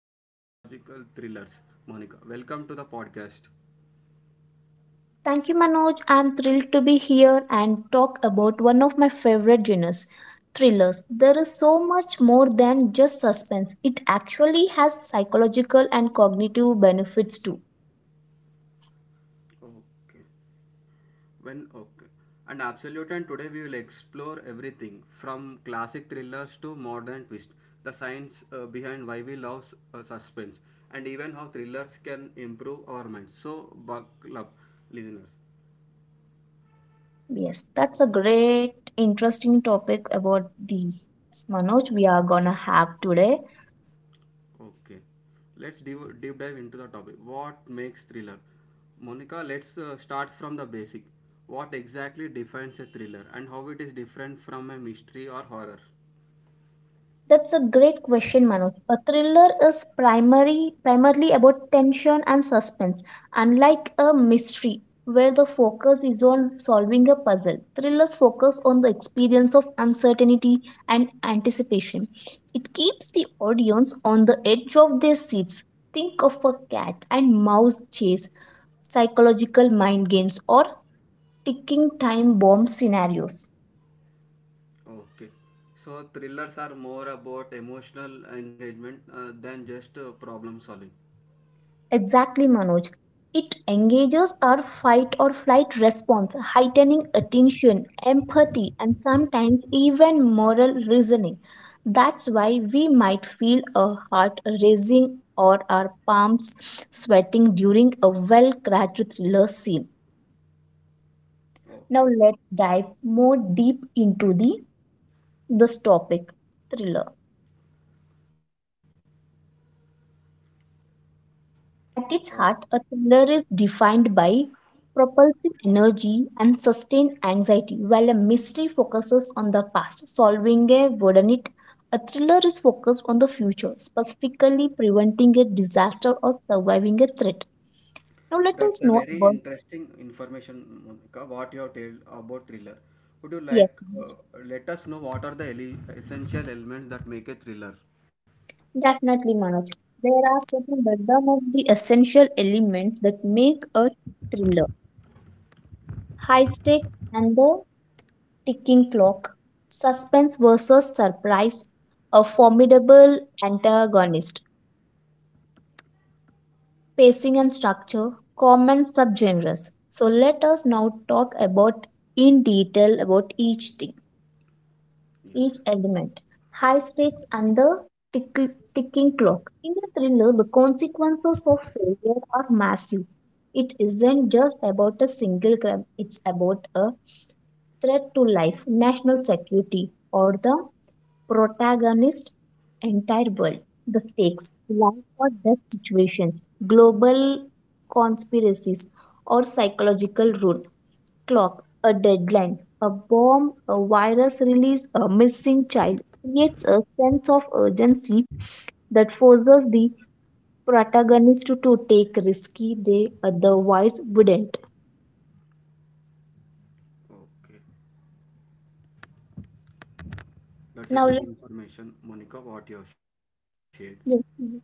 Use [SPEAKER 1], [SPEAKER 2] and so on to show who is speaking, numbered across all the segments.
[SPEAKER 1] and psychological thrillers. Monica, welcome to the podcast.
[SPEAKER 2] Thank you, Manoj. I'm thrilled to be here and talk about one of my favorite genres, thrillers. There is so much more than just suspense. It actually has psychological and cognitive benefits too.
[SPEAKER 1] Okay. When okay. And absolute and today we will explore everything from classic thrillers to modern twist, the science behind why we love suspense, and even how thrillers can improve our minds. So buckle up, listeners.
[SPEAKER 2] Yes, that's a great, interesting topic about the Manoj we are gonna have today.
[SPEAKER 1] Okay, let's deep dive into the topic. What makes thriller? Monica, let's start from the basic. What exactly defines a thriller, and how it is different from a mystery or horror?
[SPEAKER 2] That's a great question, Manoj. A thriller is primarily about tension and suspense. Unlike a mystery, where the focus is on solving a puzzle, thrillers focus on the experience of uncertainty and anticipation. It keeps the audience on the edge of their seats. Think of a cat and mouse chase, psychological mind games, or ticking time bomb scenarios.
[SPEAKER 1] Okay. So thrillers are more about emotional engagement than just problem solving.
[SPEAKER 2] Exactly, Manoj. It engages our fight or flight response, heightening attention, empathy, and sometimes even moral reasoning. That's why we might feel a heart racing or our palms sweating during a well crafted thriller scene.
[SPEAKER 1] Okay.
[SPEAKER 2] Now, let's dive more deep into the this topic, thriller. At its
[SPEAKER 1] Okay.
[SPEAKER 2] heart, a thriller is defined by propulsive energy and sustained anxiety, while a mystery focuses on the past, solving a would it. A thriller is focused on the future, specifically preventing a disaster or surviving a threat. Now let
[SPEAKER 1] That's
[SPEAKER 2] us
[SPEAKER 1] a
[SPEAKER 2] know
[SPEAKER 1] very
[SPEAKER 2] about,
[SPEAKER 1] interesting information, Monica, what you have told about thriller. Would you
[SPEAKER 2] yes,
[SPEAKER 1] like uh, let us know what are the essential elements that make a thriller?
[SPEAKER 2] definitely Manoj. There are certain random of the essential elements that make a thriller. High stakes and the ticking clock, suspense versus surprise, a formidable antagonist, pacing and structure, common subgenres. So let us now talk about in detail about each thing,
[SPEAKER 1] Yes.
[SPEAKER 2] each element. High stakes and the tick- ticking clock. In the thriller, the consequences of failure are massive. It isn't just about a single crime, it's about a threat to life, national security, or the protagonist entire world. The stakes, life or death situations, global conspiracies or psychological rule, clock, a deadline, a bomb, a virus release, a missing child creates a sense of urgency that forces the protagonist to take risky they otherwise wouldn't.
[SPEAKER 1] Okay. That's a
[SPEAKER 2] Now,
[SPEAKER 1] good
[SPEAKER 2] let-
[SPEAKER 1] information, Monica, what you have shared.
[SPEAKER 2] yes, mhm.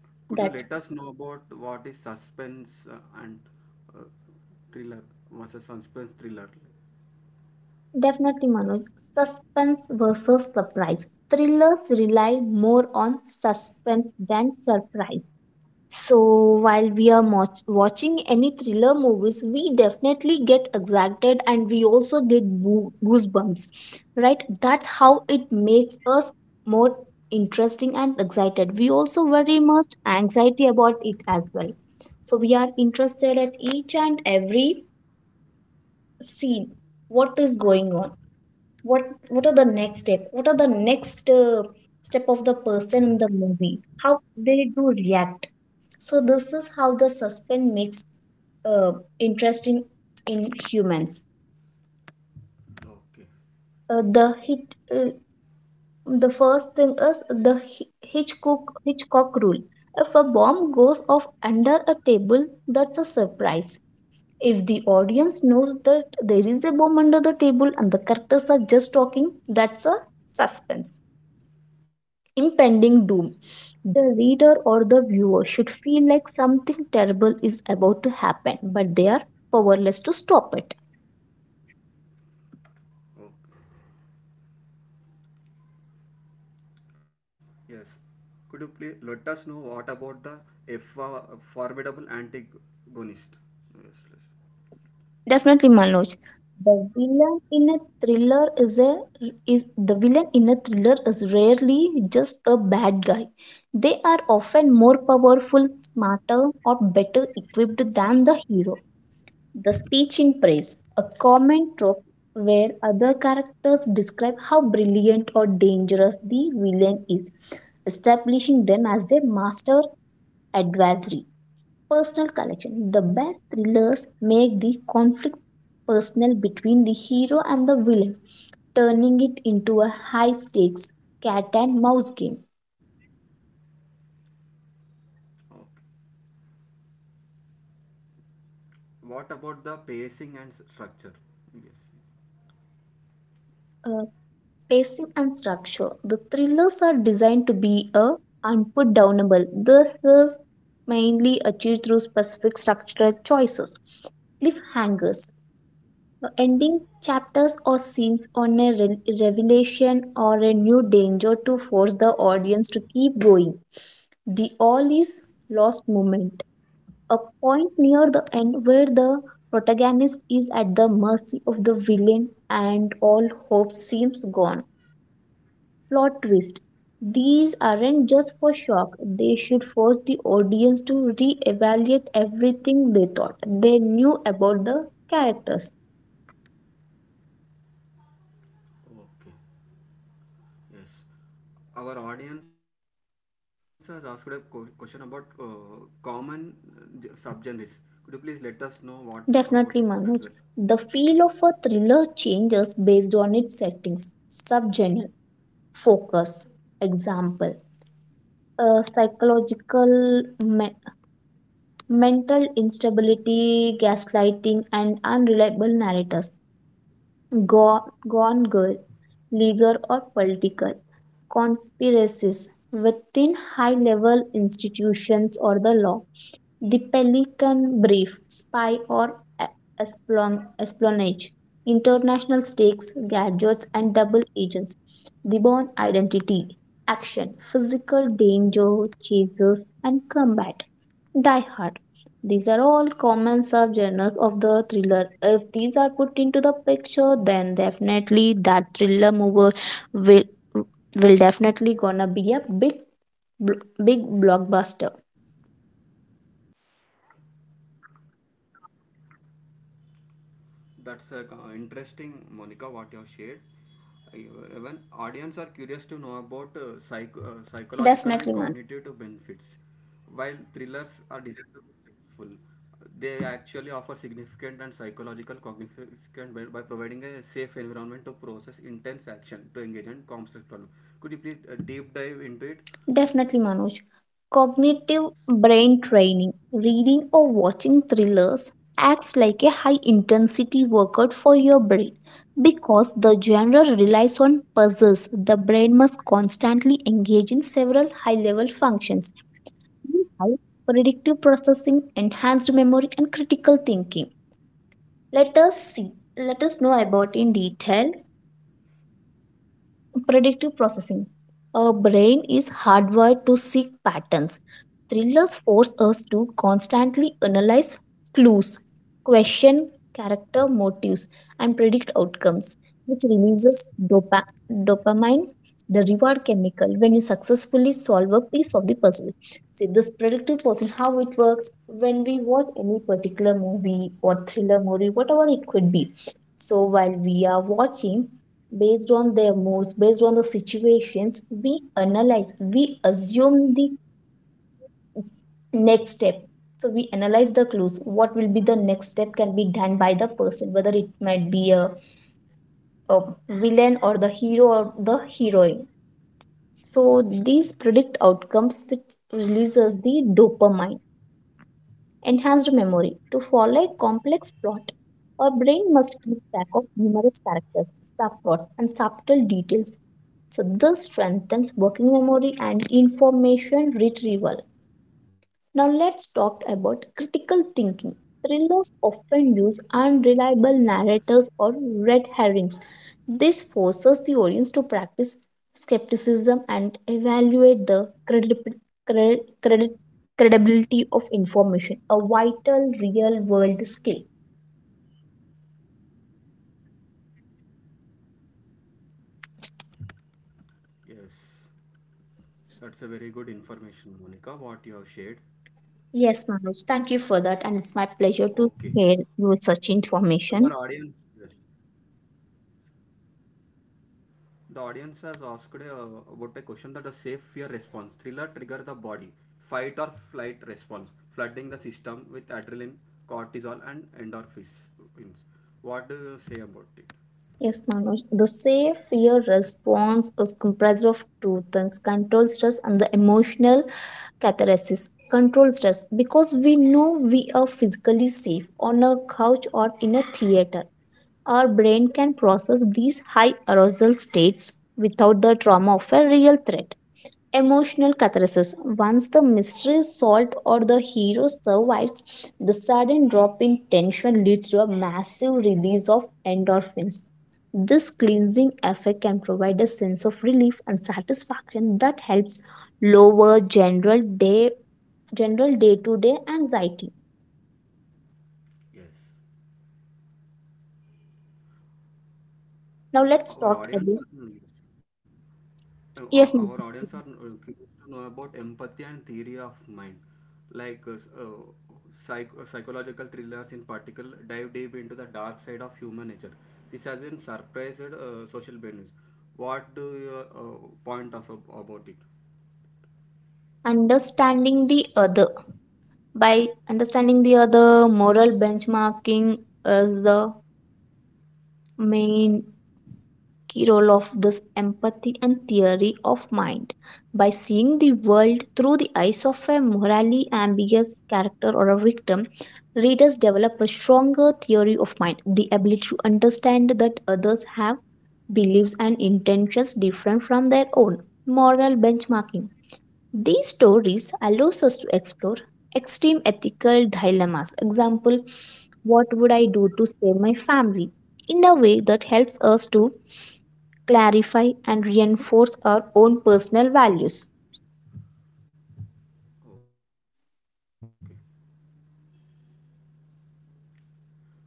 [SPEAKER 1] Could you let
[SPEAKER 2] that's
[SPEAKER 1] us know about what is suspense and uh, thriller versus suspense thriller?
[SPEAKER 2] Definitely, Manoj. Suspense versus surprise. Thrillers rely more on suspense than surprise. So, while we are watching any thriller movies, we definitely get excited and we also get goosebumps, right? That's how it makes us more interesting and excited. We also very much anxiety about it as well. So, we are interested at each and every scene. What is going on? what what are the next step, what are the next step of the person in the movie, how they do react? So this is how the suspense makes, uh, interesting in humans. uh, the
[SPEAKER 1] Okay.
[SPEAKER 2] hit uh, the first thing is the Hitchcock rule. If a bomb goes off under a table, that's a surprise. If the audience knows that there is a bomb under the table and the characters are just talking, that's a suspense, impending doom. The reader or the viewer should feel like something terrible is about to happen, but they are powerless to stop it.
[SPEAKER 1] Oh, yes. Could you please let us know what about the F formidable antagonist? Yes, yes.
[SPEAKER 2] Definitely, Manoj. The villain in a thriller is a Is the villain in a thriller is rarely just a bad guy. They are often more powerful, smarter, or better equipped than the hero. The speech in praise, a common trope where other characters describe how brilliant or dangerous the villain is, establishing them as their master adversary. Personal collection. The best thrillers make the conflict personal between the hero and the villain, turning it into a high stakes cat and mouse game.
[SPEAKER 1] Okay. What about the pacing and structure? Yes.
[SPEAKER 2] Uh, Pacing and structure. The thrillers are designed to be a unputdownable. This is mainly achieved through specific structural choices, cliffhangers, ending chapters or scenes on a revelation or a new danger to force the audience to keep going. The all is lost moment, a point near the end where the protagonist is at the mercy of the villain and all hope seems gone, plot twist. These aren't just for shock, they should force the audience to re-evaluate everything they thought they knew about the characters.
[SPEAKER 1] Okay. Yes. Our audience has asked a question about common subgenres. Could you please let us know what about it as well?
[SPEAKER 2] Definitely, Manoj. The feel of a thriller changes based on its settings, subgenre, focus, example, psychological, mental instability, gaslighting, and unreliable narrators. Gone Girl, legal or political, conspiracies within high level institutions or the law, the Pelican Brief, spy or espionage, international stakes, gadgets, and double agents, the Bond Identity, action, physical danger, chases, and combat. Die Hard. These are all common subgenres of the thriller. If these are put into the picture, then definitely that thriller movie will will definitely gonna be a bl- big blockbuster.
[SPEAKER 1] That's interesting, Monica, what you have shared. Even audience are curious to know about psychological and cognitive benefits. While
[SPEAKER 2] Definitely,
[SPEAKER 1] thrillers are designed to be playful, they actually offer significant and psychological cognition by providing a safe environment to process intense action, to engage in complex problem. Could you please deep dive into it?
[SPEAKER 2] Definitely, Manoj. Cognitive brain training, reading or watching thrillers acts like a high intensity workout for your brain. Because the genre relies on puzzles, the brain must constantly engage in several high level functions. Meanwhile, predictive processing, enhanced memory, and critical thinking. Let us see, Let us know about in detail. Predictive processing. Our brain is hardwired to seek patterns. Thrillers force us to constantly analyze clues, question character motives, and predict outcomes, which releases dopamine, the reward chemical, when you successfully solve a piece of the puzzle. See, this predictive processing, how it works when we watch any particular movie or thriller movie, whatever it could be. So, while we are watching, based on their moods, based on the situations, we analyze, we assume the next step. So we analyze the clues. What will be the next step can be done by the person, whether it might be a villain or the hero or the heroine. So these predict outcomes which releases the dopamine. Enhanced memory. To follow a complex plot, our brain must keep track of numerous characters, subplots, and subtle details. So, this strengthens working memory and information retrieval. Now let's talk about critical
[SPEAKER 1] Yes.
[SPEAKER 2] thinking. Thrillers often use unreliable narrators or red herrings. This forces the audience to practice skepticism and evaluate the cre- credi- credibility of information, a vital real world skill.
[SPEAKER 1] Yes, that's a very good information, Monica, what you have shared.
[SPEAKER 2] Yes,
[SPEAKER 1] Okay.
[SPEAKER 2] Manoj, thank you for that, and it's my
[SPEAKER 1] Our
[SPEAKER 2] pleasure to
[SPEAKER 1] audience,
[SPEAKER 2] share
[SPEAKER 1] yes.
[SPEAKER 2] you such information.
[SPEAKER 1] The audience has asked about a question that the safe fear response thriller trigger the body, fight or flight response, flooding the system with adrenaline, cortisol, and endorphins. What do you say about it?
[SPEAKER 2] Yes, Manoj. The safe fear response is comprised of two things, control stress and the emotional catharsis. Control stress, because we know we are physically safe on a couch or in a theater. Our brain can process these high arousal states without the trauma of a real threat. Emotional catharsis. Once the mystery is solved or the hero survives, the sudden drop in tension leads to a massive release of endorphins. This cleansing effect can provide a sense of relief and satisfaction that helps lower general day-to-day anxiety.
[SPEAKER 1] Yes.
[SPEAKER 2] Now let's
[SPEAKER 1] Our
[SPEAKER 2] talk about,
[SPEAKER 1] audience are. Hmm, yes.
[SPEAKER 2] yes,
[SPEAKER 1] Our
[SPEAKER 2] ma'am.
[SPEAKER 1] audience are curious to know about empathy and theory of mind like psychological thrillers in particular dive deep into the dark side of human nature. This has been surprised social benefits. What do your point of about it?
[SPEAKER 2] Understanding the other, by understanding the other, moral benchmarking is the main key role of this empathy and theory of mind. By seeing the world through the eyes of a morally ambiguous character or a victim, readers develop a stronger theory of mind, the ability to understand that others have beliefs and intentions different from their own. Moral benchmarking. These stories allows us to explore extreme ethical dilemmas. Example, what would I do to save my family? In a way that helps us to clarify and reinforce our own personal values.
[SPEAKER 1] Okay.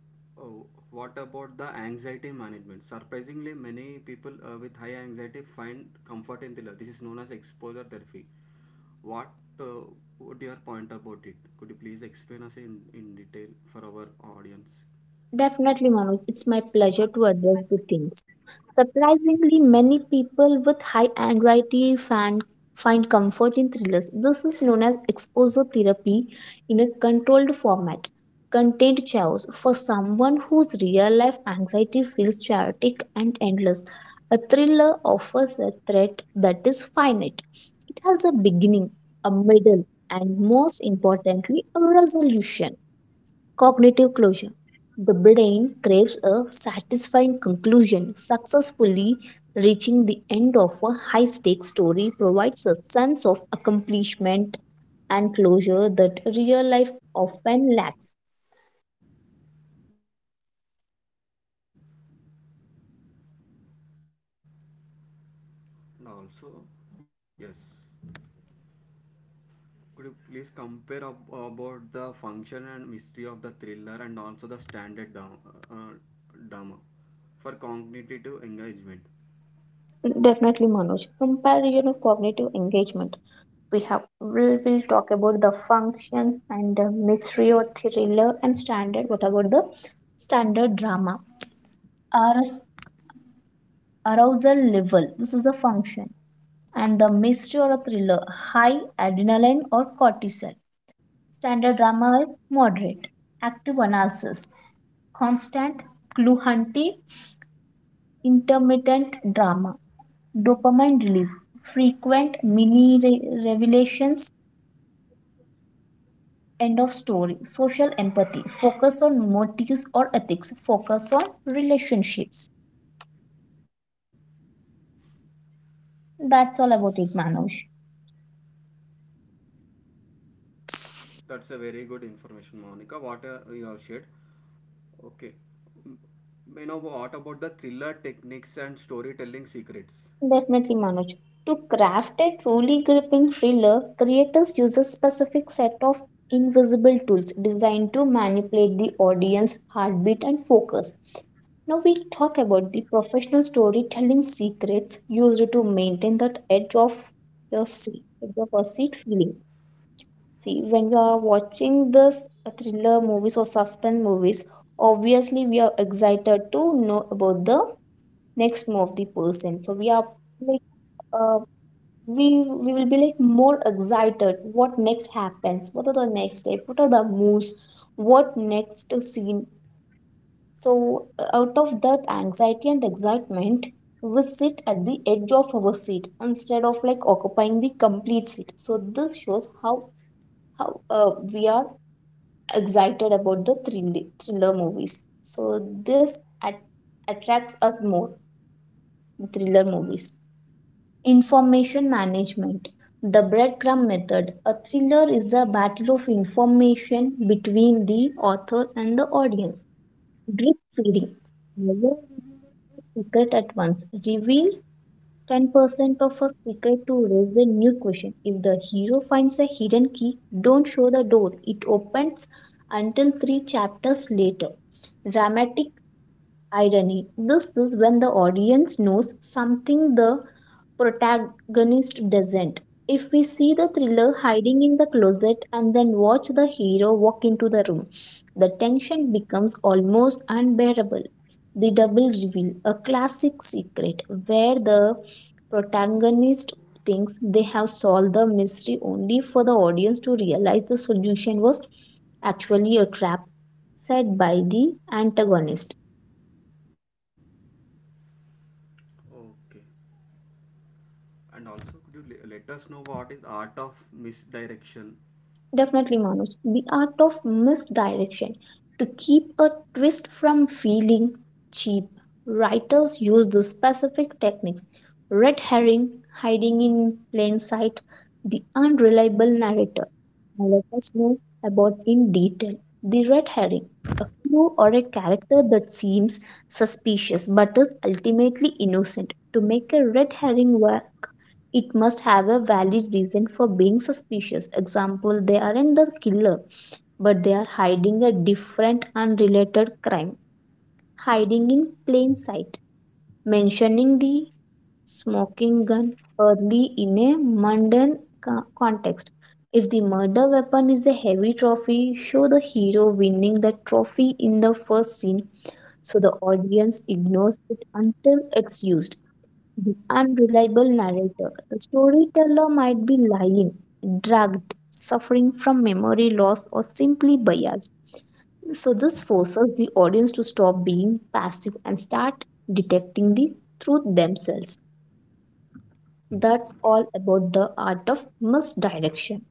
[SPEAKER 1] Oh, what about the anxiety management? Surprisingly, many people with high anxiety find comfort in thriller. This is known as exposure therapy. What uh, would your point about it? Could you please explain us in detail for our audience?
[SPEAKER 2] Definitely, Manoj, it's my pleasure to address the things. Surprisingly, many people with high anxiety find comfort in thrillers. This is known as exposure therapy in a controlled format. Contained chaos. For someone whose real life anxiety feels chaotic and endless, a thriller offers a threat that is finite. It has a beginning, a middle, and most importantly, a resolution. Cognitive closure. The brain craves a satisfying conclusion. Successfully reaching the end of a high stakes story provides a sense of accomplishment and closure that real life often lacks.
[SPEAKER 1] Okay. And also, yes. Could you please compare about the function and mystery of the thriller and also the uh, drama for cognitive engagement?
[SPEAKER 2] Definitely,
[SPEAKER 1] Yes.
[SPEAKER 2] Manoj. Compare you know, cognitive engagement. We will talk about the functions and the mystery or thriller and standard. What about the standard drama? Are arousal level, this is the function, and the mystery or a thriller, high adrenaline or cortisol, standard drama is moderate, active analysis, constant clue hunting, intermittent drama, dopamine release, frequent mini revelations, end of story, social empathy, focus on motives or ethics, focus on relationships.
[SPEAKER 1] Yes.
[SPEAKER 2] That's all about it, Manoj.
[SPEAKER 1] That's a very good information, Monica. What you have shared. Okay. M- May know what about the thriller techniques and storytelling secrets?
[SPEAKER 2] Definitely, Manoj. To craft a truly gripping thriller, creators use a specific set of invisible tools designed to manipulate the audience heartbeat and focus. Now we talk about the professional storytelling secrets used to maintain that edge of your seat, your perceived feeling. See, when you are watching this thriller movies or suspense movies, obviously we are excited to know about the next move of the person. So we are like, uh, we we will be like more excited, what next happens, what are the next step, what are the moves, what next scene? So out of that anxiety and excitement, we sit at the edge of our seat instead of like occupying the complete seat. So this shows how we are excited about the thriller movies. So this attracts us more, thriller movies. Information management. The breadcrumb method. A thriller is a battle of information between the author and the audience. Drip feeding. Never reveal a secret at once. Reveal 10% of a secret to raise a new question. If the hero finds a hidden key, don't show the door. It opens until three chapters later. Dramatic irony. This is when the audience knows something the protagonist doesn't. If we see the thriller hiding in the closet and then watch the hero walk into the room, the tension becomes almost unbearable. The double reveal, a classic secret where the protagonist thinks they have solved the mystery only for the audience to realize the solution was actually a trap set by the antagonist.
[SPEAKER 1] Okay. And also, could you let us know what is art of misdirection?
[SPEAKER 2] Definitely, Manoj. The art of misdirection. To keep a twist from feeling cheap, writers use the specific techniques red herring, hiding in plain sight, the unreliable narrator. Now let us know about in detail. The red herring, a clue or a character that seems suspicious but is ultimately innocent. To make a red herring it must have a valid reason for being suspicious. Example, they aren't the killer, but they are hiding a different unrelated crime, hiding in plain sight. Mentioning the smoking gun early in a mundane context. If the murder weapon is a heavy trophy, show the hero winning the trophy in the first scene so the audience ignores it until it's used unreliable narrator. The storyteller might be lying, drugged, suffering from memory loss, or simply biased. So, this forces the audience to stop being passive and start detecting the truth themselves. That's
[SPEAKER 1] Okay.
[SPEAKER 2] all about the art of misdirection.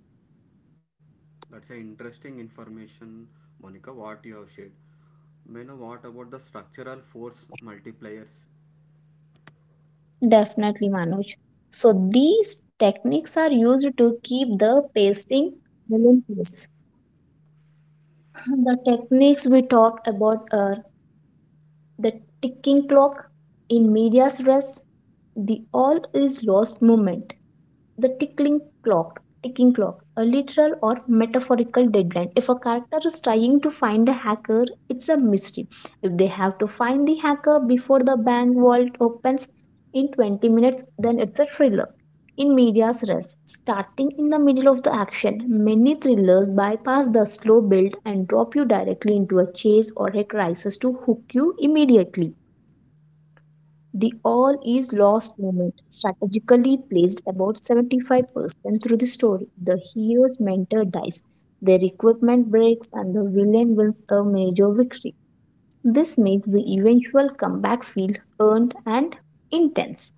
[SPEAKER 1] That's an interesting information, Monica, what you have shared. May I know what about the structural force multipliers?
[SPEAKER 2] Definitely, Manoj. So, these techniques are used to keep the pacing relentless. The techniques we talked about, the ticking clock, in medias res, the all is lost moment, the ticking clock, a literal or metaphorical deadline. If a character is trying to find a hacker, it's a mystery. If they have to find the hacker before the bank vault opens in 20 minutes, then it's a thriller in media's res. Starting in the middle of the action, many thrillers bypass the slow build and drop you directly into a chase or a crisis to hook you immediately. The all is lost moment, strategically placed about 75% through the story. The hero's mentor dies, their equipment breaks, and the villain wins a major victory. This makes the eventual comeback feel earned and intense.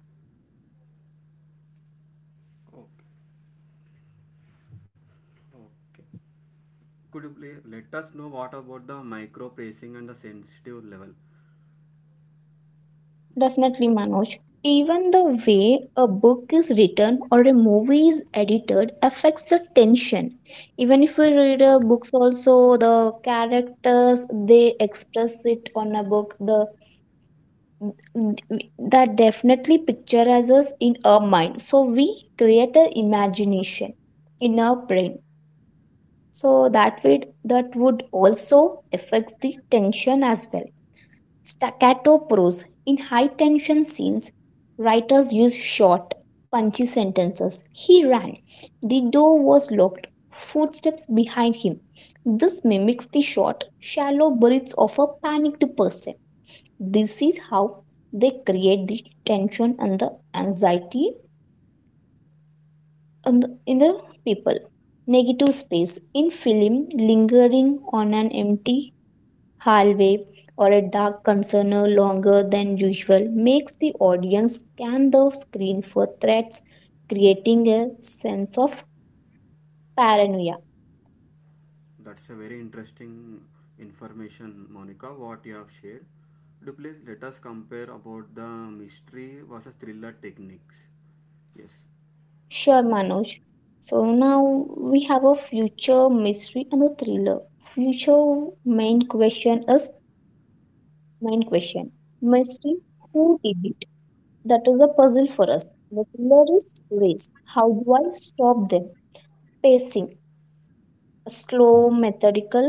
[SPEAKER 1] Okay. Okay. Could you please let us know what about the micro pacing and the sensitive level?
[SPEAKER 2] Definitely, Manoj. Even the way a book is written or a movie is edited affects the tension. Even if we read a books, also the characters they express it on a book. The That definitely pictures us in our mind. So we create a imagination in our brain. So that way that would also affects the tension as well. Staccato prose. In high tension scenes, writers use short, punchy sentences. He ran. The door was locked. Footsteps behind him. This mimics the short, shallow breaths of a panicked person. This is how they create the tension and the anxiety in the people. Negative space. In film, lingering on an empty hallway or a dark concerner longer than usual makes the audience scan the screen for threats, creating a sense of paranoia.
[SPEAKER 1] That's a very interesting information, Monica, what you have shared. Could you please let us compare about the mystery versus thriller techniques? Yes.
[SPEAKER 2] Sure, Manoj. So now we have a future mystery and a thriller. Future main question is main question. Mystery, who did it? That is a puzzle for us. The thriller is race. How do I stop them? Pacing, a slow, methodical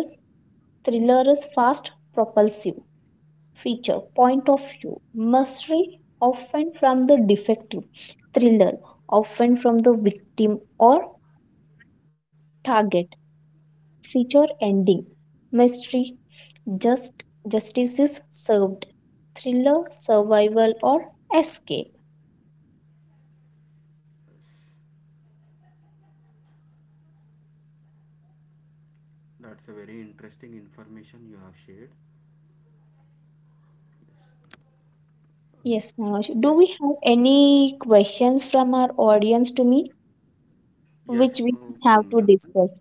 [SPEAKER 2] thriller's fast propulsive feature point of view mystery often from the defective thriller often from the victim or target feature ending mystery just justice is served thriller survival or escape.
[SPEAKER 1] That's a very interesting information you have shared.
[SPEAKER 2] Yes, Manoj, do
[SPEAKER 1] Yes,
[SPEAKER 2] we have any questions from our audience to me
[SPEAKER 1] yes,
[SPEAKER 2] which we
[SPEAKER 1] oh,
[SPEAKER 2] have
[SPEAKER 1] Komla.
[SPEAKER 2] to discuss?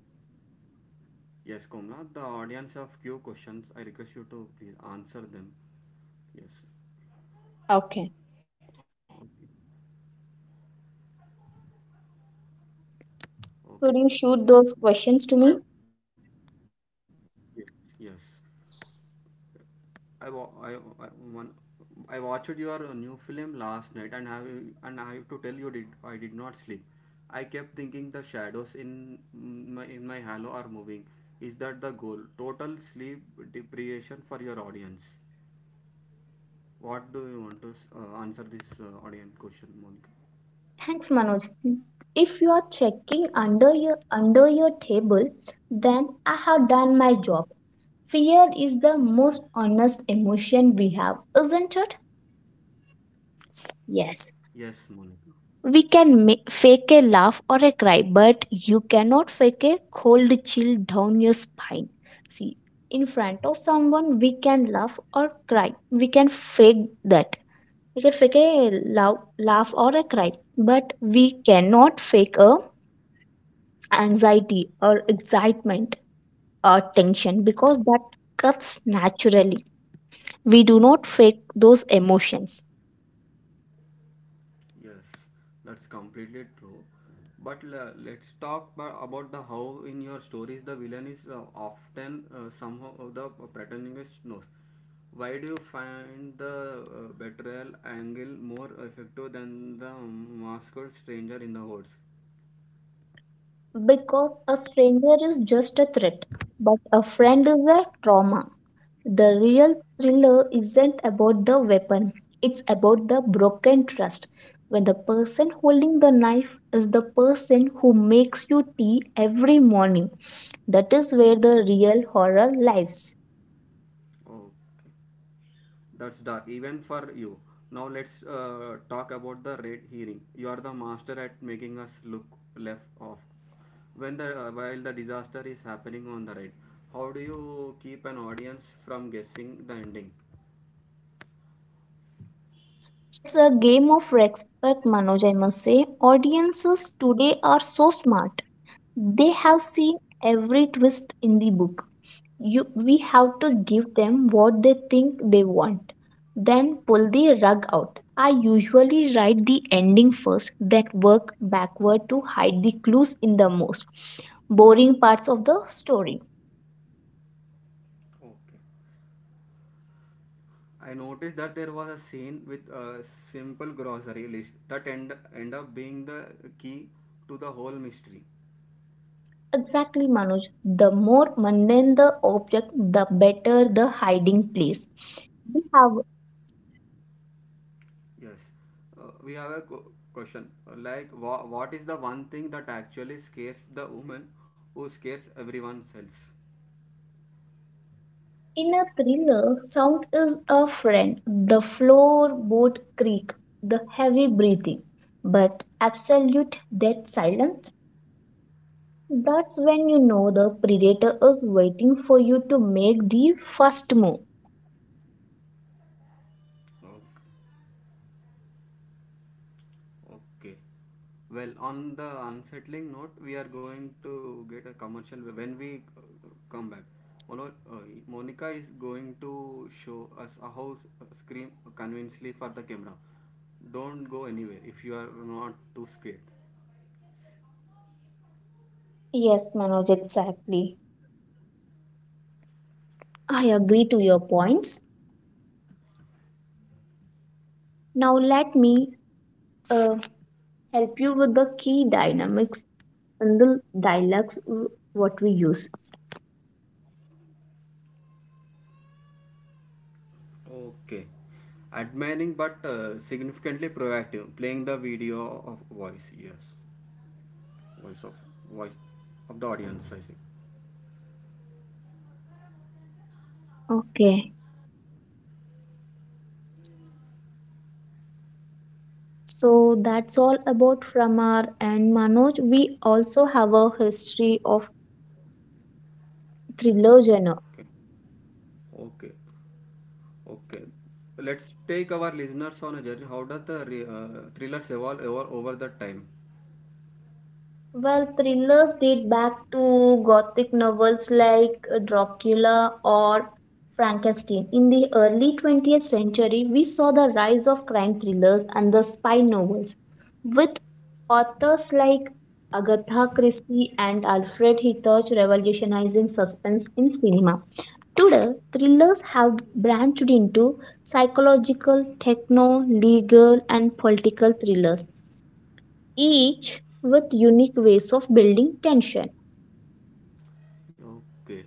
[SPEAKER 1] Yes, Komla. The audience have few questions. I request you to please answer them. Yes.
[SPEAKER 2] Okay,
[SPEAKER 1] Okay. Okay.
[SPEAKER 2] could you shoot
[SPEAKER 1] Ma-
[SPEAKER 2] those
[SPEAKER 1] ma-
[SPEAKER 2] questions to me?
[SPEAKER 1] I- yes. Yes. I, wa- I one I watched your new film last night and I have to tell you did I did not sleep. I kept thinking the shadows in my halo are moving. Is that the goal? Total sleep deprivation for your audience. What do you want to answer this audience question, Monica?
[SPEAKER 2] Thanks, Manoj. If you are checking under your table, then I have done my job. Fear is the most honest emotion we have, isn't it? Yes.
[SPEAKER 1] Yes, Monica.
[SPEAKER 2] We can make, fake a laugh or a cry, but you cannot fake a cold chill down your spine. See, in front of someone, we can laugh or cry. We can fake that. We can fake a laugh or a cry, but we cannot fake a anxiety or excitement or tension because that comes naturally. We do not fake those emotions
[SPEAKER 1] Yes, that's completely true. But let's talk about the how in your stories the villain is often somehow the protagonist knows. Why do you find the betrayal angle more effective than the masked stranger in the woods?
[SPEAKER 2] because a stranger is just a threat, but a friend is a trauma. The real thriller isn't about the weapon, it's about the broken trust. When the person holding the knife is the person who makes you tea every morning, that is where the real horror lies.
[SPEAKER 1] That's dark, even for you. Now let's talk about the red herring. You are the master at making us look left off. When the while the disaster is happening on the right, how do you keep an audience from guessing the ending?
[SPEAKER 2] It's a game of respect, Manoj, I must say. Audiences today are so smart. They have seen every twist in the book. We have to give them what they think they want, then pull the rug out. I usually write the ending first, then work backward to hide the clues in the most boring parts of the story.
[SPEAKER 1] Okay. I noticed that there was a scene with a simple grocery list that end up being the key to the whole mystery.
[SPEAKER 2] Exactly, Manoj. The more mundane the object, the better the hiding place. We have.
[SPEAKER 1] Yes. We have a question. Like, what is the one thing that actually scares the woman who scares everyone else?
[SPEAKER 2] In a thriller, sound is a friend. The floorboard creak, the heavy breathing, but absolute dead silence. That's when you know the predator is waiting for you to make the first move.
[SPEAKER 1] Okay. Okay. Well, on the unsettling note, we are going to get a commercial when we uh, come back. Mono- uh, Monica is going to show us a how scream convincingly for the camera. Don't go anywhere if you are not too scared.
[SPEAKER 2] Yes, Manoj, exactly. I agree to your points. Now let me uh, help you with the key dynamics in the dialogues w- what we use.
[SPEAKER 1] Okay. Admiring but significantly proactive, playing the video of voice, yes. Voice of voice of the audience, I think.
[SPEAKER 2] Okay. So that's all about from our and Manoj. We also have a history of thriller genre.
[SPEAKER 1] Okay. Okay. Okay. Let's take our listeners on a journey. How does the thrillers evolve over the time?
[SPEAKER 2] Well, thrillers date back to Gothic novels like Dracula or Frankenstein. In the early 20th century, we saw the rise of crime thrillers and the spy novels, with authors like Agatha Christie and Alfred Hitchcock revolutionizing suspense in cinema. Today, thrillers have branched into psychological, techno, legal, and political thrillers, each with unique ways of building tension.
[SPEAKER 1] Okay.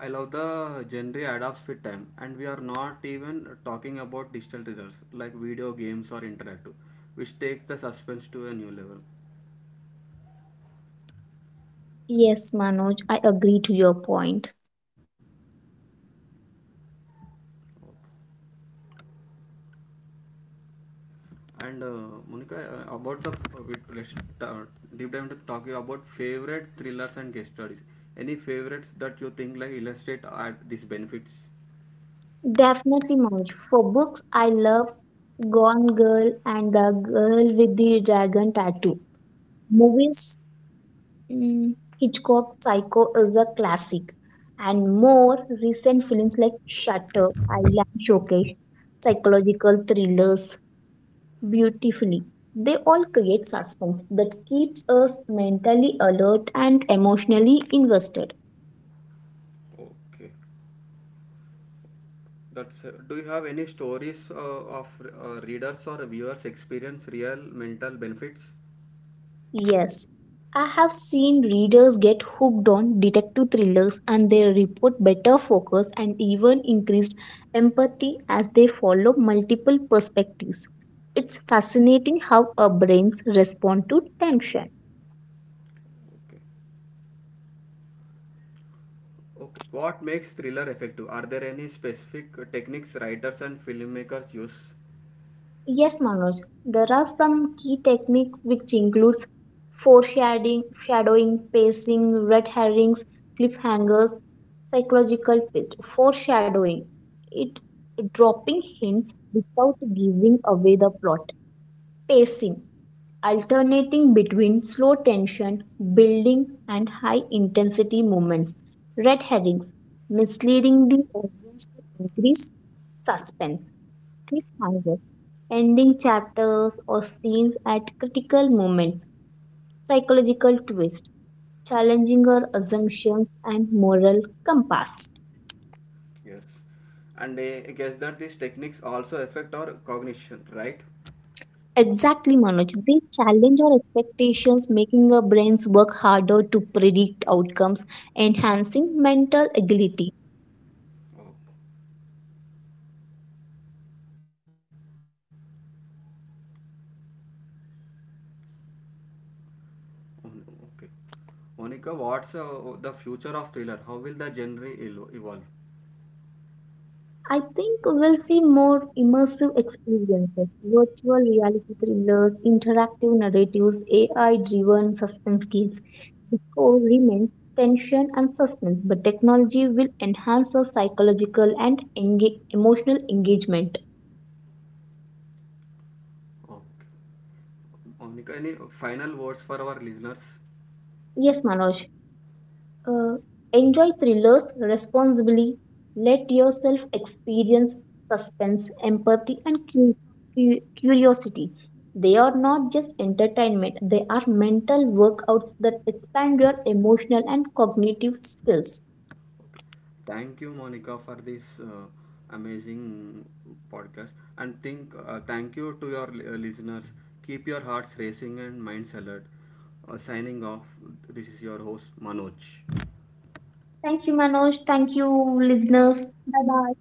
[SPEAKER 1] I love the genre adapts with time, and we are not even talking about digital thrillers like video games or interactive, which takes the suspense to a new level.
[SPEAKER 2] Yes, Manoj, I agree to your point.
[SPEAKER 1] And Monica, about the let's uh, deep dive into talking about favorite thrillers and case studies. Any favorites that you think like illustrate are these benefits?
[SPEAKER 2] Definitely, Manoj. For books, I love Gone Girl and The Girl with the Dragon Tattoo. Movies, mm, Hitchcock's Psycho is a classic, and more recent films like Shutter Island showcase psychological thrillers beautifully. They all create suspense that keeps us mentally alert and emotionally invested.
[SPEAKER 1] Okay, that's. Do you have any stories of readers or viewers experience real mental benefits?
[SPEAKER 2] Yes, I have seen readers get hooked on detective thrillers and they report better focus and even increased empathy as they follow multiple perspectives. It's fascinating how our brains respond to tension.
[SPEAKER 1] Okay. Okay. What makes thriller effective? Are there any specific techniques writers and filmmakers use?
[SPEAKER 2] Yes, Manoj, there are some key techniques which includes pacing, red herrings, cliffhangers, psychological pitch. Foreshadowing, it dropping hints without giving away the plot. Pacing, alternating between slow tension, building, and high intensity moments. Red herrings, misleading the audience to increase suspense cliffhangers, ending chapters or scenes at critical moments, psychological twists, challenging our assumptions and moral compass.
[SPEAKER 1] Yes. And I guess that these techniques also affect our cognition, right?
[SPEAKER 2] Exactly, Manoj. They challenge our expectations, making our brains work harder to predict outcomes, enhancing mental agility.
[SPEAKER 1] Oh, okay. Monica, what's the future of thriller? How will the genre evolve?
[SPEAKER 2] I think we'll see more immersive experiences, virtual reality thrillers, interactive narratives, AI driven suspense games. The core remains tension and suspense, but technology will enhance our psychological and emotional engagement.
[SPEAKER 1] Okay. Monica, any final words for our listeners?
[SPEAKER 2] Yes, Manoj. Uh, Enjoy thrillers responsibly. Let yourself experience suspense, empathy, and curiosity. They are not just entertainment, they are mental workouts that expand your emotional and cognitive skills.
[SPEAKER 1] Okay. Thank you, Monica, for this amazing podcast. And think, thank you to your listeners. Keep your hearts racing and minds alert. Signing off, this is your host, Manoj.
[SPEAKER 2] Thank you, Manoj. Thank you, listeners. Bye bye.